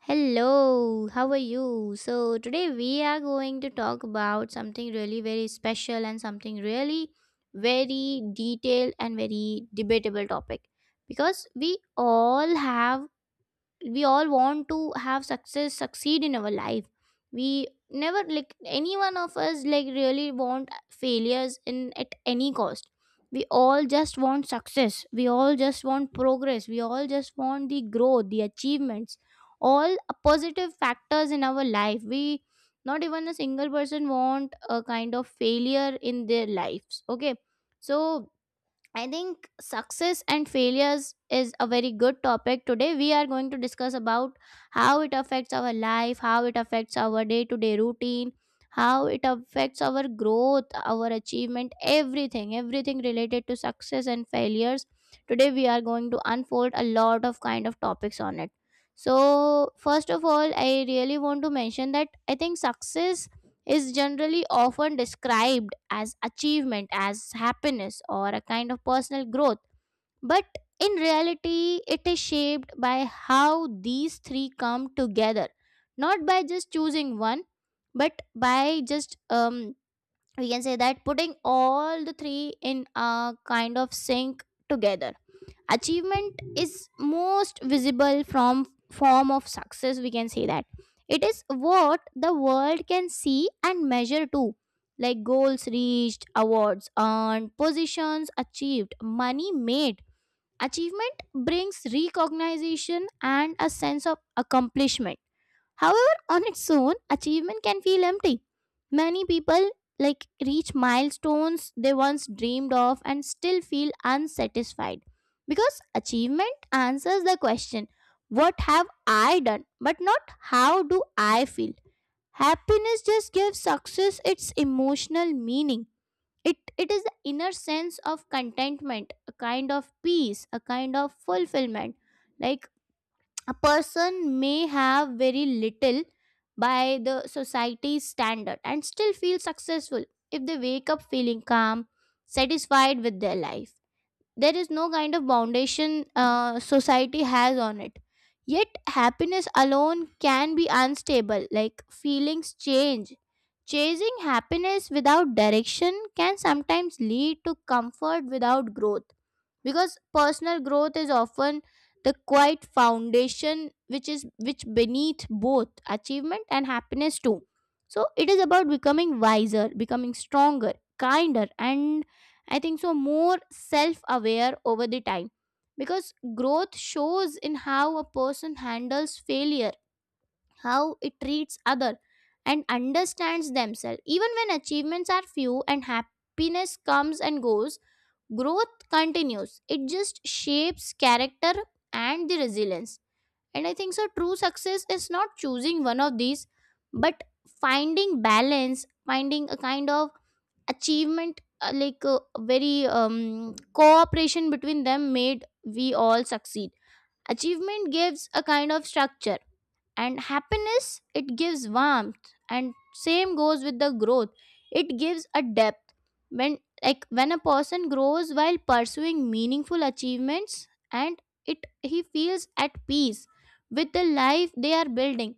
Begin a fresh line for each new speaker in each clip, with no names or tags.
Hello, how are you? So, today we are going to talk about something really very special and something really very detailed and very debatable topic because all have we all want to have success succeed in our life. We never, like any one of us, like really want failures in at any cost. We all just want success, we all just want progress, we all just want the growth, the achievements, all positive factors in our life. We, not even a single person, want a kind of failure in their lives, okay. So I think success and failures is a very good topic. Today, we are going to discuss about how it affects our life, how it affects our day to day routine, how it affects our growth, our achievement, everything, everything related to success and failures. Today, we are going to unfold a lot of kind of topics on it. So, first of all, I really want to mention that I think success is generally often described as achievement, as happiness, or a kind of personal growth. But in reality, it is shaped by how these three come together, not by just choosing one, but by just we can say that putting all the three in a kind of sync together. Achievement is most visible from form of success, we can say that it is what the world can see and measure too, like goals reached, awards earned, positions achieved, money made. Achievement brings recognition and a sense of accomplishment. However, on its own, achievement can feel empty. Many people like reach milestones they once dreamed of and still feel unsatisfied because achievement answers the question what have I done, but not how do I feel. Happiness just gives success its emotional meaning. It is the inner sense of contentment, a kind of peace, a kind of fulfillment. Like a person may have very little by the society's standard and still feel successful if they wake up feeling calm, satisfied with their life. There is no kind of foundation society has on it. Yet, happiness alone can be unstable, like feelings change. Chasing happiness without direction can sometimes lead to comfort without growth because personal growth is often the quiet foundation which is which beneath both achievement and happiness too. So it is about becoming wiser, becoming stronger, kinder, and I think so more self aware over the time, because growth shows in how a person handles failure, how it treats other, and understands themselves. Even when achievements are few and happiness comes and goes, growth continues. It just shapes character and the resilience. And I think so true success is not choosing one of these, but finding balance, finding a kind of achievement, like a very cooperation between them made we all succeed. Achievement gives a kind of structure, and happiness, it gives warmth, and same goes with the growth, it gives a depth. When, like when a person grows while pursuing meaningful achievements, and it he feels at peace with the life they are building,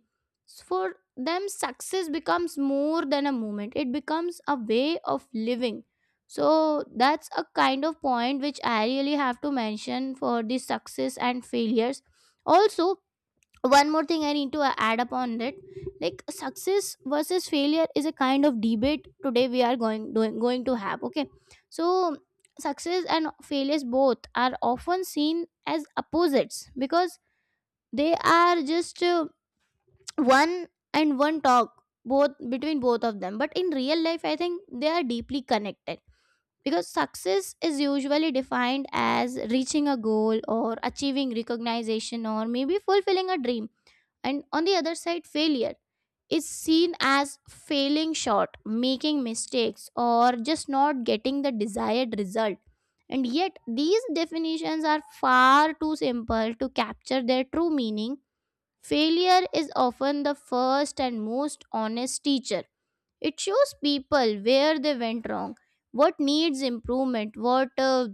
for them success becomes more than a moment, it becomes a way of living. So that's a kind of point which I really have to mention for the success and failures. Also, one more thing I need to add up on it, like success versus failure is a kind of debate today we are going to have, okay. So success and failures both are often seen as opposites because they are just one and one talk both between both of them, but in real life I think they are deeply connected, because success is usually defined as reaching a goal or achieving recognition or maybe fulfilling a dream, and on the other side, failure is seen as failing short, making mistakes, or just not getting the desired result. And yet, these definitions are far too simple to capture their true meaning. Failure is often the first and most honest teacher. It shows people where they went wrong, what needs improvement, what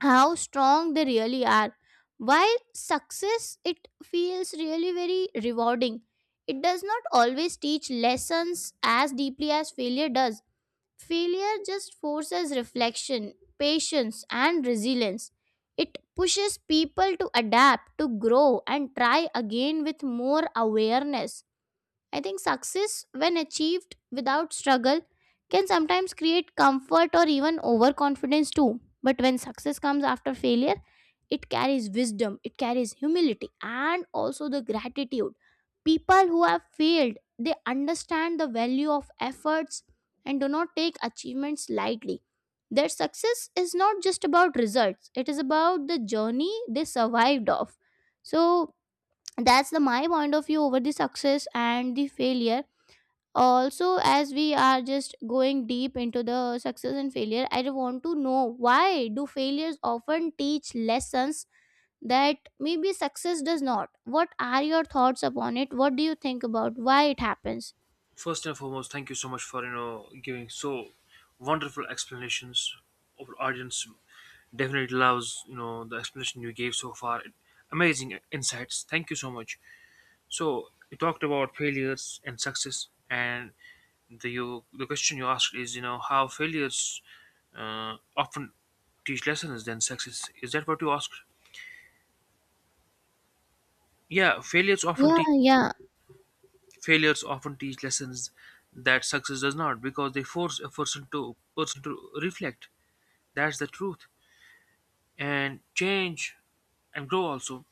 how strong they really are. While success, it feels really very rewarding, it does not always teach lessons as deeply as failure does. Failure just forces reflection, patience, and resilience. It pushes people to adapt, to grow, and try again with more awareness. I think success, when achieved without struggle, can sometimes create comfort or even overconfidence too. But when success comes after failure, it carries wisdom, it carries humility, and also the gratitude. People who have failed, they understand the value of efforts and do not take achievements lightly. Their success is not just about results, it is about the journey they survived of. So, that's the my point of view over the success and the failure. Also, as we are just going deep into the success and failure, I do want to know why do failures often teach lessons that maybe success does not. What are your thoughts upon it? What do you think about why it happens?
First and foremost, thank you so much for giving so wonderful explanations. Our audience definitely loves the explanation you gave so far. Amazing insights. Thank you so much. So you talked about failures and success, and the question you asked is how failures often teach lessons than success. Is that what you asked? Yeah, failures often
yeah
teach
yeah
failures often teach lessons that success does not, because they force a person to reflect. That's the truth, and change and grow also.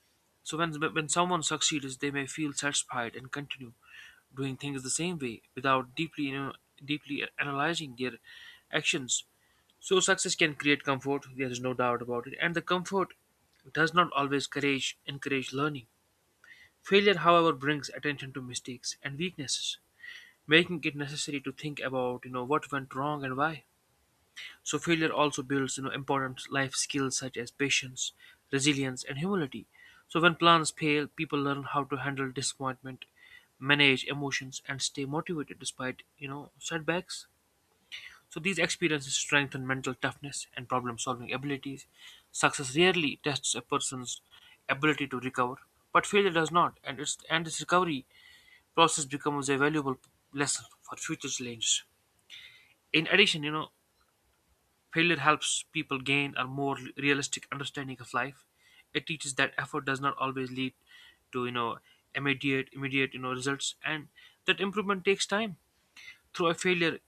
So when someone succeeds, they may feel satisfied and continue doing things the same way without deeply analyzing their actions. So success can create comfort, there is no doubt about it, and the comfort does not always courage encourage learning. Failure, however, brings attention to mistakes and weaknesses, making it necessary to think about what went wrong and why. So failure also builds important life skills such as patience, resilience, and humility. So when plans fail, people learn how to handle disappointment, manage emotions, and stay motivated despite setbacks. So these experiences strengthen mental toughness and problem-solving abilities. Success rarely tests a person's ability to recover, but failure does not, and its recovery process becomes a valuable lesson for future challenges. In addition, failure helps people gain a more realistic understanding of life. It teaches that effort does not always lead to you know immediate immediate you know results, and that improvement takes time. Through a failure,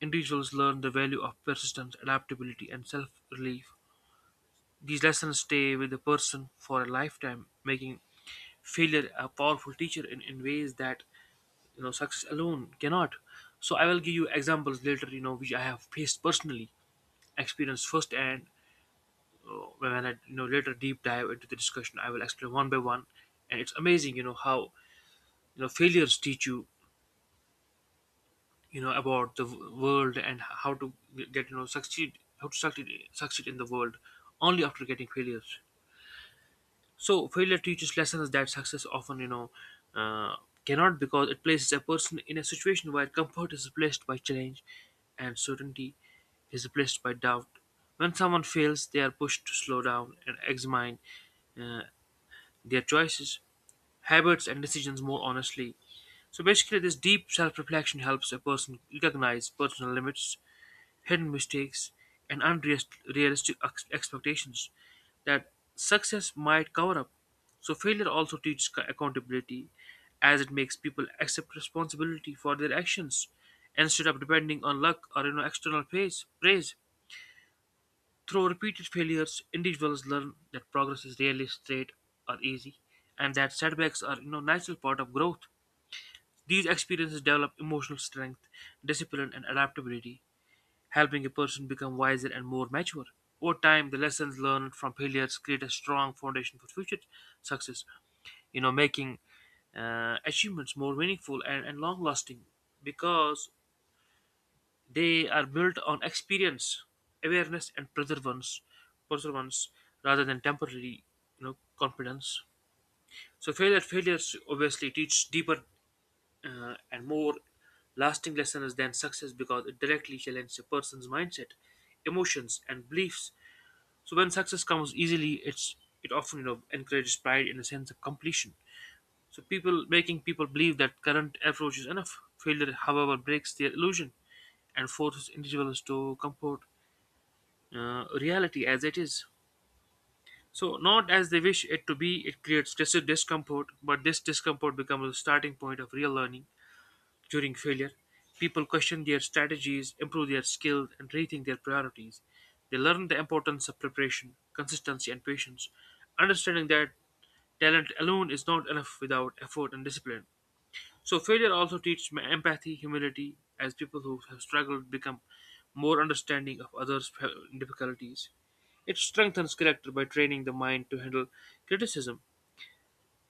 individuals learn the value of persistence, adaptability, and self-relief. These lessons stay with the person for a lifetime, making failure a powerful teacher in ways that success alone cannot. So I will give you examples later, which I have faced personally, experienced firsthand. When I later deep dive into the discussion, I will explain one by one, and it's amazing, how failures teach you, you know about the world and how to get succeed, how to succeed in the world, only after getting failures. So failure teaches lessons that success often uh, cannot, because it places a person in a situation where comfort is replaced by challenge, and certainty is replaced by doubt. When someone fails, they are pushed to slow down and examine their choices, habits, and decisions more honestly. So basically, this deep self reflection helps a person recognize personal limits, hidden mistakes, and unrealistic expectations that success might cover up. So, failure also teaches accountability, as it makes people accept responsibility for their actions instead of depending on luck or external praise. Through repeated failures, individuals learn that progress is rarely straight or easy, and that setbacks are natural part of growth. These experiences develop emotional strength, discipline, and adaptability, helping a person become wiser and more mature. Over time, the lessons learned from failures create a strong foundation for future success, making achievements more meaningful and, long lasting, because they are built on experience, awareness, and perseverance, rather than temporary, confidence. So failures obviously teach deeper and more lasting lessons than success, because it directly challenges a person's mindset, emotions, and beliefs. So when success comes easily, it often encourages pride in a sense of completion. So people, making people believe that current approach is enough. Failure, however, breaks their illusion and forces individuals to comfort reality as it is, so not as they wish it to be. It creates discomfort, but this discomfort becomes a starting point of real learning. During failure, people question their strategies, improve their skills, and rethink their priorities. They learn the importance of preparation, consistency, and patience, understanding that talent alone is not enough without effort and discipline. So, failure also teaches me empathy, humility, as people who have struggled become more understanding of others' difficulties. It strengthens character by training the mind to handle criticism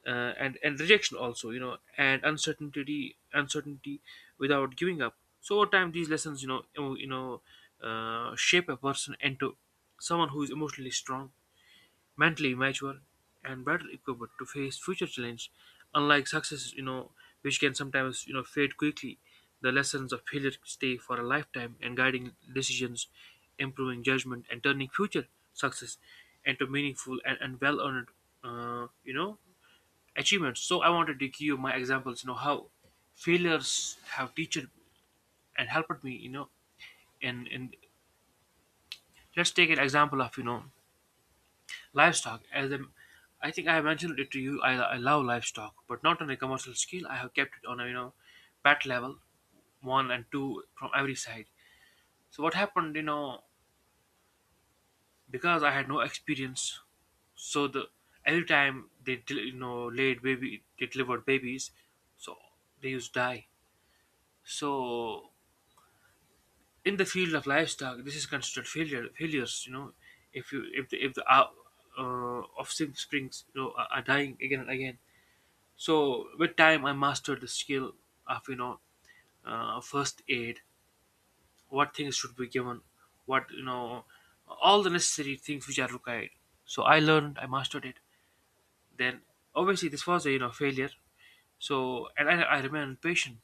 and rejection, also and uncertainty, without giving up. So over time, these lessons, shape a person into someone who is emotionally strong, mentally mature, and better equipped to face future challenges. Unlike successes, which can sometimes fade quickly, the lessons of failure stay for a lifetime, and guiding decisions, improving judgment, and turning future success into meaningful and, well earned, uh, you know achievements. So I wanted to give you my examples, how failures have teached and helped me, you know, in let's take an example of, livestock. I think I have mentioned it to you, I love livestock, but not on a commercial scale. I have kept it on a, pet level, one and two from every side. So what happened, because I had no experience, so the every time they, laid baby, they delivered babies, so they used to die. So in the field of livestock, this is considered failures. If the offspring springs are dying again and again. So with time, I mastered the skill of first aid, what things should be given, what you know, all the necessary things which are required. So I mastered it. Then obviously this was a failure. So, and I remained patient,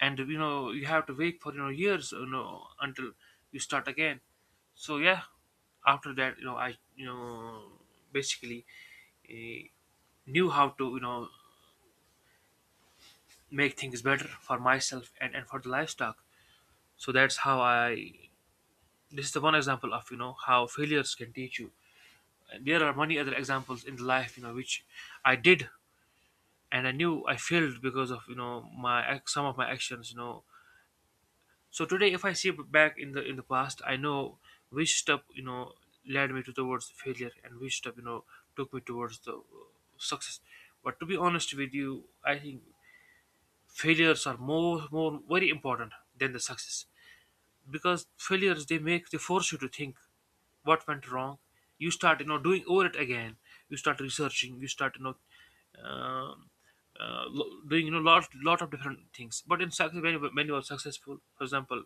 and you have to wait for years until you start again. So yeah, after that, you know I you know basically uh, knew how to make things better for myself and, for the livestock. So that's how I this is the one example of how failures can teach you. And there are many other examples in life, which I did, and I knew I failed because of my some of my actions. So today, if I see back in the past, I know which step led me to towards the failure, and which step took me towards the success. But to be honest with you, I think failures are more more very important than the success, because failures, they force you to think what went wrong. You start doing over it again. You start researching. You start. Um, doing lot of different things. But in success, when you are successful, for example,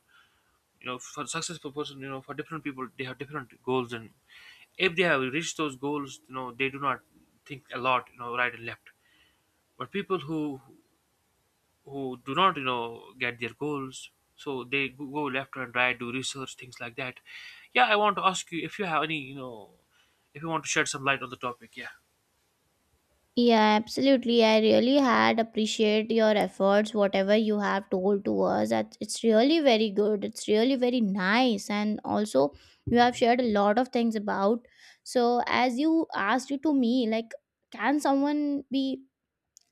for successful person, for different people, they have different goals, and if they have reached those goals, they do not think a lot, right and left. But people who do not get their goals, so they go left and right, do research, things like that. Yeah, I want to ask you if you have any, if you want to shed some light on the topic. Yeah.
Yeah, absolutely. I really had appreciate your efforts, whatever you have told to us. That it's really very good. It's really very nice, and also you have shared a lot of things about. So as you asked you to me, like, can someone be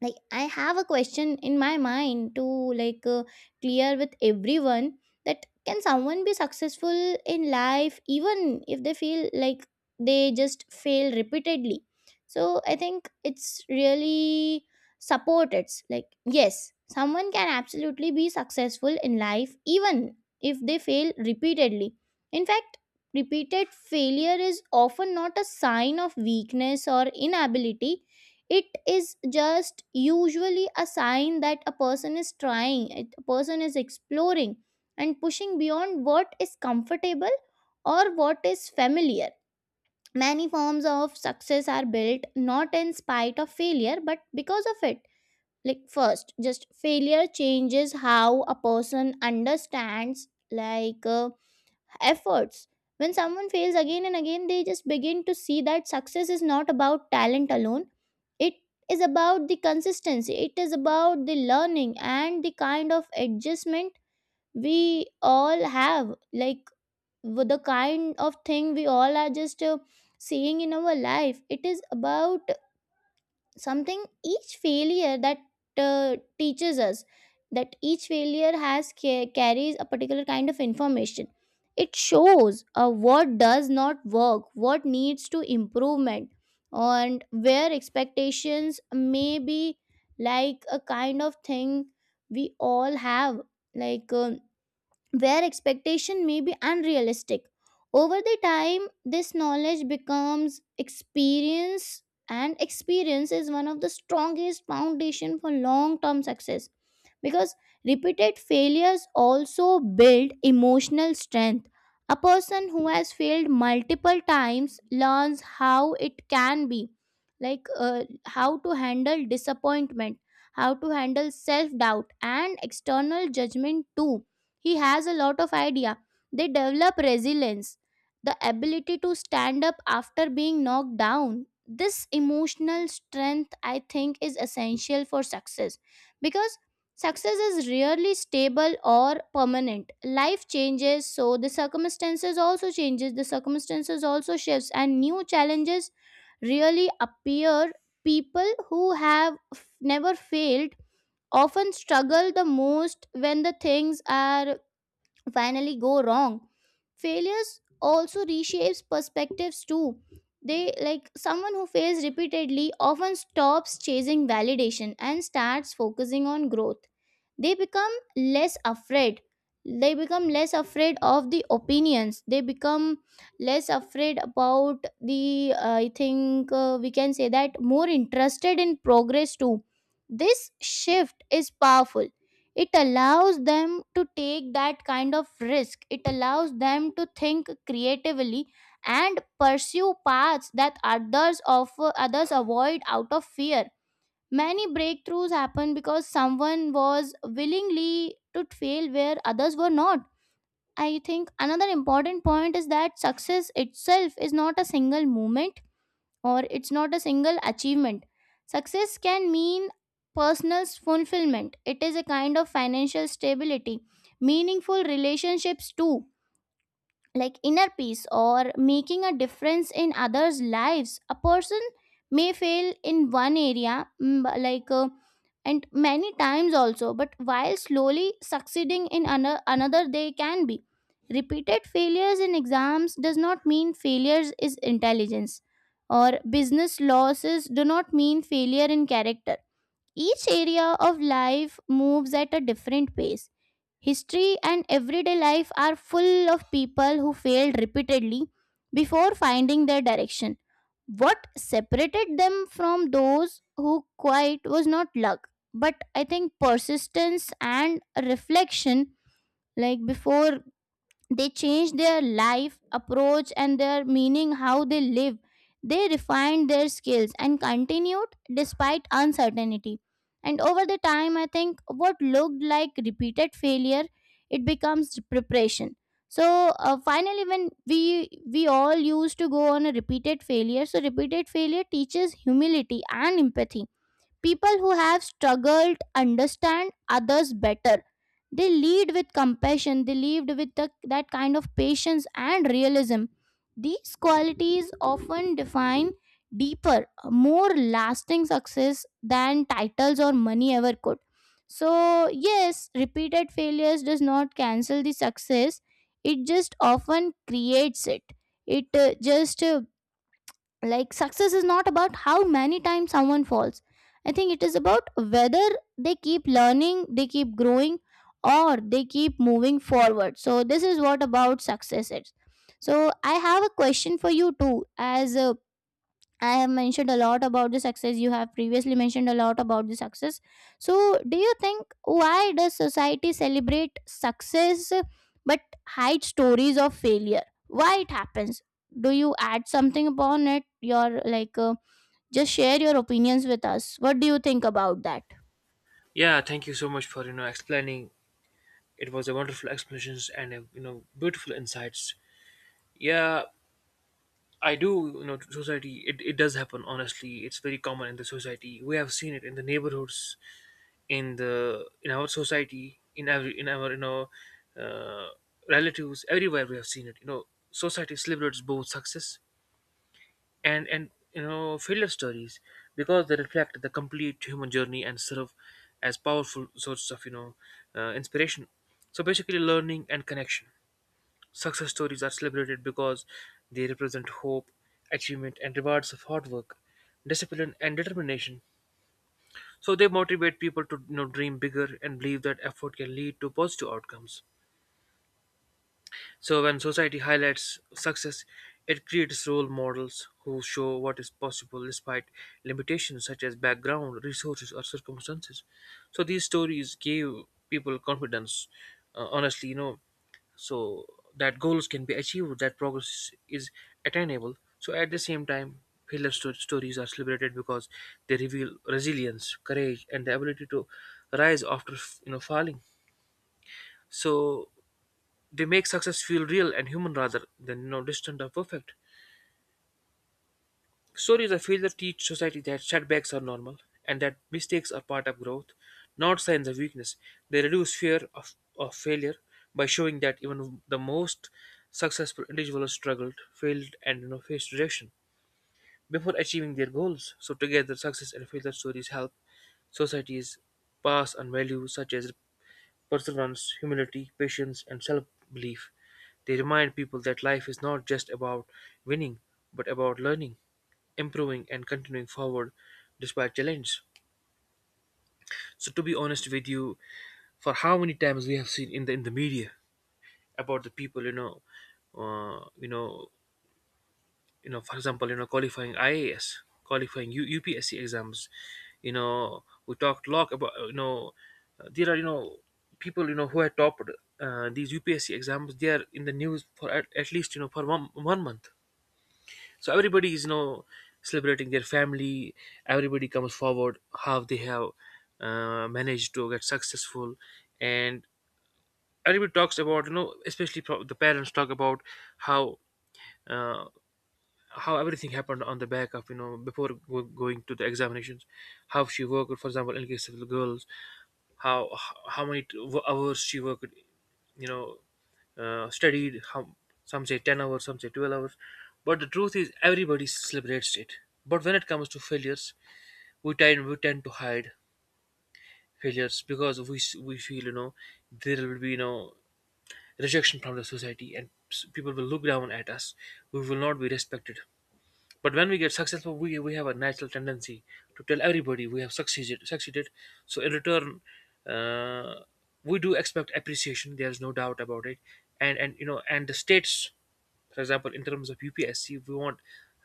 like, I have a question in my mind to, like, clear with everyone, that can someone be successful in life even if they feel like they just fail repeatedly? So I think it's really supported, like yes, someone can absolutely be successful in life even if they fail repeatedly. In fact, repeated failure is often not a sign of weakness or inability. It is just usually a sign that a person is a person is exploring and pushing beyond what is comfortable or what is familiar. Many forms of success are built not in spite of failure, but because of it. Like first, just failure changes how a person understands, like uh, efforts. When someone fails again and again, they just begin to see that success is not about talent alone. It is about the consistency, it is about the learning and the kind of adjustment we all have. Like with the kind of thing we all are just seeing in our life, it is about something each failure that teaches us, that each failure carries a particular kind of information. It shows what does not work, what needs to improvement, and where expectations may be, like a kind of thing we all have, like where expectation may be unrealistic. Over the time, this knowledge becomes experience, and experience is one of the strongest foundation for long-term success, because repeated failures also build emotional strength. A person who has failed multiple times learns how it can be, like how to handle disappointment, how to handle self doubt, and external judgment too. He has a lot of idea, they develop resilience, the ability to stand up after being knocked down. This emotional strength, I think, is essential for success, because success is rarely stable or permanent. Life changes, so the circumstances also changes, the circumstances also shifts, and new challenges really appear. People who have never failed often struggle the most when the things are finally go wrong. Failures also reshapes perspectives too. They, like someone who fails repeatedly often stops chasing validation and starts focusing on growth. They become less afraid, they become less afraid of the opinions, they become less afraid about the, I think we can say that, more interested in progress too. This shift is powerful. It allows them to take that kind of risk, it allows them to think creatively and pursue paths that others avoid out of fear. Many breakthroughs happened because someone was willingly to fail where others were not. I think another important point is that success itself is not a single moment, or it's not a single achievement. Success can mean personal fulfillment, it is a kind of financial stability, meaningful relationships too, like inner peace or making a difference in others lives. A person may fail in one area, but like and many times also, but while slowly succeeding in another, they can be. Repeated failures in exams does not mean failures is intelligence, or business losses do not mean failure in character. Each area of life moves at a different pace. History and everyday life are full of people who failed repeatedly before finding their direction. What separated them from those who quite was not luck, but I think persistence and reflection, like before they changed their life approach and their meaning how they live. They refined their skills and continued despite uncertainty, and over the time I think what looked like repeated failure, it becomes preparation. So finally when we all used to go on a repeated failure, so repeated failure teaches humility and empathy. People who have struggled understand others better. They lead with compassion, they lead with the, that kind of patience and realism. These qualities often define deeper, more lasting success than titles or money ever could. So, yes, repeated failures does not cancel the success, it just often creates it. It just like success is not about how many times someone falls. I think it is about whether they keep learning, they keep growing, or they keep moving forward. So this is what about success is. So I have a question for you too. As I have mentioned a lot about the success. You have previously mentioned a lot about the success. So, do you think why does society celebrate success but hide stories of failure? Why it happens? Do you add something upon it? Your like, just share your opinions with us. What do you think about that?
Yeah, thank you so much for explaining. It was a wonderful explanations and beautiful insights. Yeah. I do, to society, it does happen, honestly. It's very common in the society. We have seen it in the neighborhoods, in the in our society, in our uh, relatives, everywhere we have seen it. Society celebrates both success and failure stories, because they reflect the complete human journey and serve as powerful sources of inspiration. So basically, learning and connection. Success stories are celebrated because they represent hope, achievement, and rewards of hard work, discipline, and determination. So they motivate people to, dream bigger and believe that effort can lead to positive outcomes. So when society highlights success, it creates role models who show what is possible despite limitations such as background, resources, or circumstances. So these stories gave people confidence. Honestly, so that goals can be achieved, that progress is attainable. So at the same time, failure stories are celebrated because they reveal resilience, courage, and the ability to rise after falling. So they make success feel real and human rather than, distant or perfect. Stories of failure teach society that setbacks are normal and that mistakes are part of growth, not signs of weakness. They reduce fear of failure by showing that even the most successful individuals struggled, failed, and, faced rejection before achieving their goals. So, together, success and failure stories help societies pass on values such as perseverance, humility, patience, and self belief. They remind people that life is not just about winning, but about learning, improving, and continuing forward despite challenges. So, to be honest with you, for how many times we have seen in the media about the people, uh, you know, for example qualifying ias, qualifying upsc exams. You know, we talked a lot about there are people who had topped these upsc exams. They are in the news for at least for one month. So everybody is celebrating their family. Everybody comes forward how they have managed to get successful. And everybody talks about especially the parents talk about how, uh, how everything happened on the back of, before going to the examinations, how she worked, for example in case of the girls, how, how many hours she worked. you know Studied. How some say 10 hours, some say 12 hours. But the truth is everybody celebrates it. But when it comes to failures, we tend to hide failures because we feel, there will be, rejection from the society, and people will look down at us, we will not be respected. But when we get successful, we have a natural tendency to tell everybody we have succeeded. Succeeded. So in return, uh, we do expect appreciation. There is no doubt about it. And and the states, for example, in terms of UPSC, we want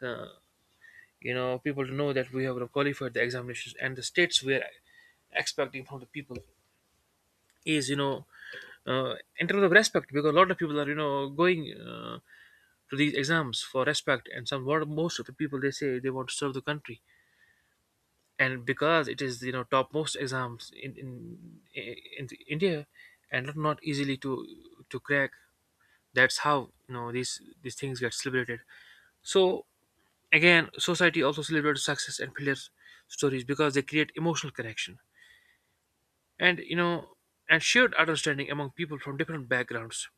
uh, people to know that we have qualified the examinations. And the states we are expecting from the people is, in terms of respect, because a lot of people are going to these exams for respect, and some, what, most of the people, they say they want to serve the country. And because it is, topmost exams in in the India, and not easily to crack. That's how, these things get celebrated. So again, society also celebrates success and failure stories because they create emotional connection and, and shared understanding among people from different backgrounds.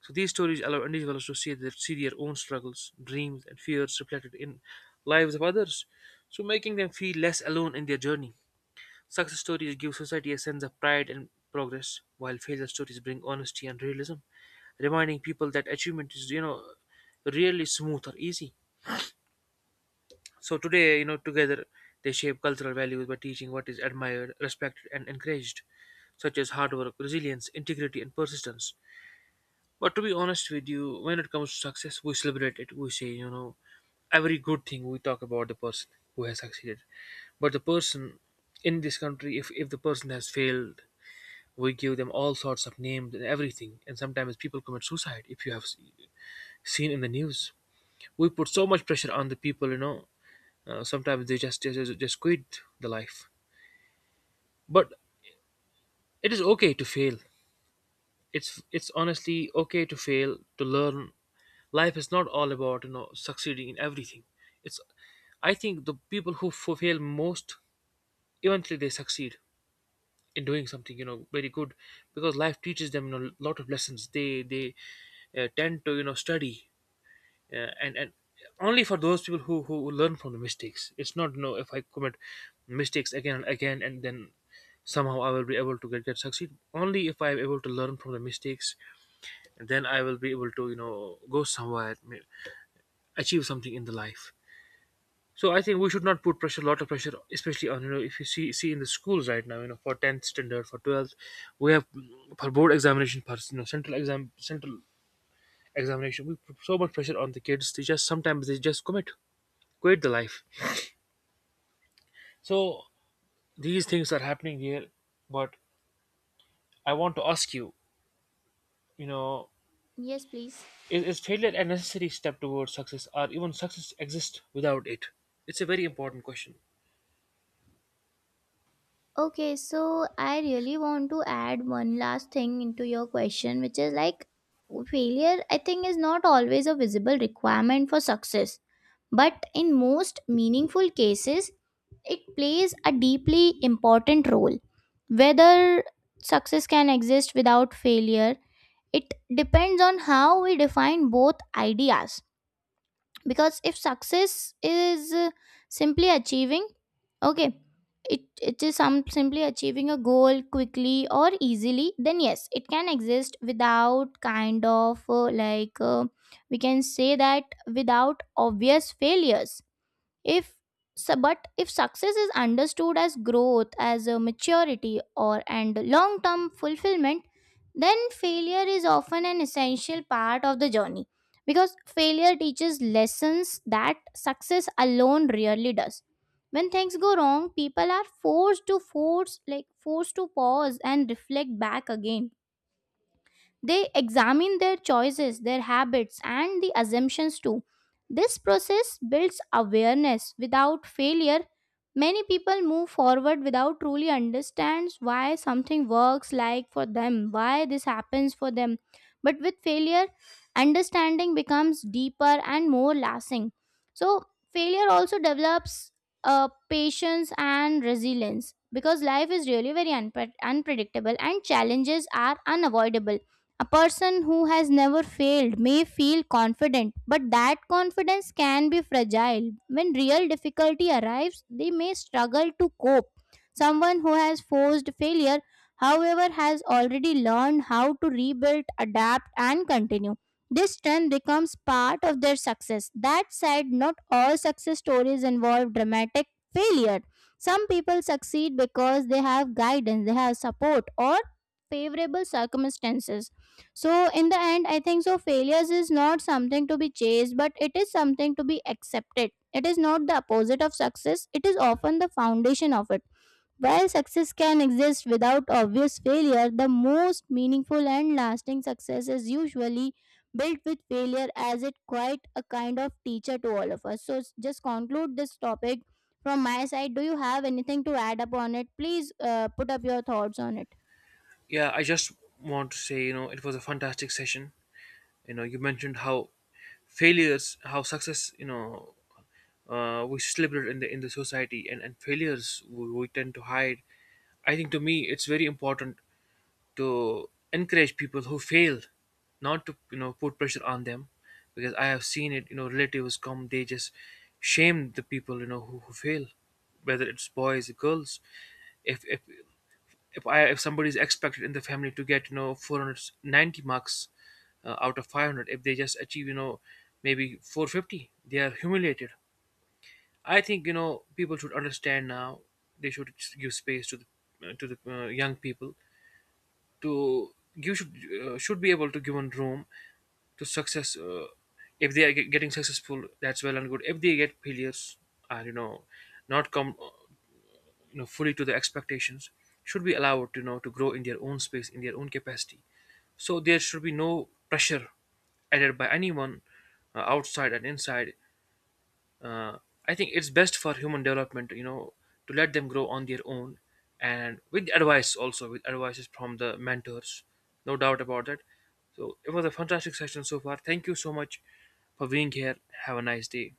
So these stories allow individuals to see their own struggles, dreams, and fears reflected in lives of others, so making them feel less alone in their journey. Success stories give society a sense of pride and progress, while failure stories bring honesty and realism, reminding people that achievement is, really smooth or easy. So today, together they shape cultural values by teaching what is admired, respected, and encouraged, such as hard work, resilience, integrity, and persistence. But to be honest with you, when it comes to success, we celebrate it. We say, every good thing, we talk about the person who has succeeded. But the person, in this country, if the person has failed, we give them all sorts of names and everything, and sometimes people commit suicide. If you have seen in the news, we put so much pressure on the people. Sometimes they just quit the life. But it is okay to fail. It's honestly okay to fail, to learn. Life is not all about, succeeding in everything. It's, I think the people who fail most eventually they succeed in doing something, very good, because life teaches them, a lot of lessons. They tend to, study, and only for those people who learn from the mistakes. It's not, no, if I commit mistakes again and again, and then somehow I will be able to get succeed. Only if I am able to learn from the mistakes, then I will be able to, go somewhere, achieve something in the life. So I think we should not put pressure, lot of pressure, especially on, if you see in the schools right now, for tenth standard, for twelfth, we have for board examination, for central exam, central examination, we put so much pressure on the kids. They just, sometimes they just commit, quite the life. So these things are happening here. But I want to ask you, you know
Yes, please.
is failure a necessary step towards success, or even success exist without it? It's a very important question.
Okay, so I really want to add one last thing into your question, which is like failure, I think, is not always a visible requirement for success. But in most meaningful cases, it plays a deeply important role. Whether success can exist without failure, it depends on how we define both ideas, because if success is simply achieving, okay, it is some simply achieving a goal quickly or easily, then yes it can exist without kind of like we can say that without obvious failures. If so, but if success is understood as growth, as a maturity or and long term fulfillment, then failure is often an essential part of the journey, because failure teaches lessons that success alone rarely does. When things go wrong, people are forced to pause and reflect back again. They examine their choices, their habits, and the assumptions too. This process builds awareness. Without failure, many people move forward without truly understands why something works, like for them, why this happens for them. But with failure, understanding becomes deeper and more lasting. So, failure also develops patience and resilience, because life is really very unpredictable and challenges are unavoidable. A person who has never failed may feel confident, but that confidence can be fragile. When real difficulty arrives, they may struggle to cope. Someone who has forced failure, however, has already learned how to rebuild, adapt, and continue. This strength becomes part of their success. That said, not all success stories involve dramatic failure. Some people succeed because they have guidance, they have support, or favorable circumstances. So, in the end, I think so failures is not something to be chased, but it is something to be accepted. It is not the opposite of success, it is often the foundation of it. While success can exist without obvious failure, the most meaningful and lasting success is usually built with failure as it quite a kind of teacher to all of us. So, just conclude this topic from my side. Do you have anything to add upon it? Please put up your thoughts on it.
Yeah, I just want to say, it was a fantastic session. You know, you mentioned how failures, how success, we celebrate in the society, and failures we tend to hide. I think to me it's very important to encourage people who fail, not to, put pressure on them. Because I have seen it, relatives come, they just shame the people, who fail, whether it's boys or girls. If if if i if somebody is expected in the family to get, 490 marks out of 500, if they just achieve, maybe 450, they are humiliated. I think, people should understand now, they should give space to the, to the young people. To, you should be able to give one room to success. If they are getting successful, that's well and good. If they get failures, and, not come, fully to the expectations, should be allowed to, to grow in their own space, in their own capacity. So there should be no pressure added by anyone, outside and inside. uh, I think it's best for human development, to let them grow on their own, and with advice also, with advices from the mentors. No doubt about that. So it was a fantastic session so far. Thank you so much for being here. Have a nice day.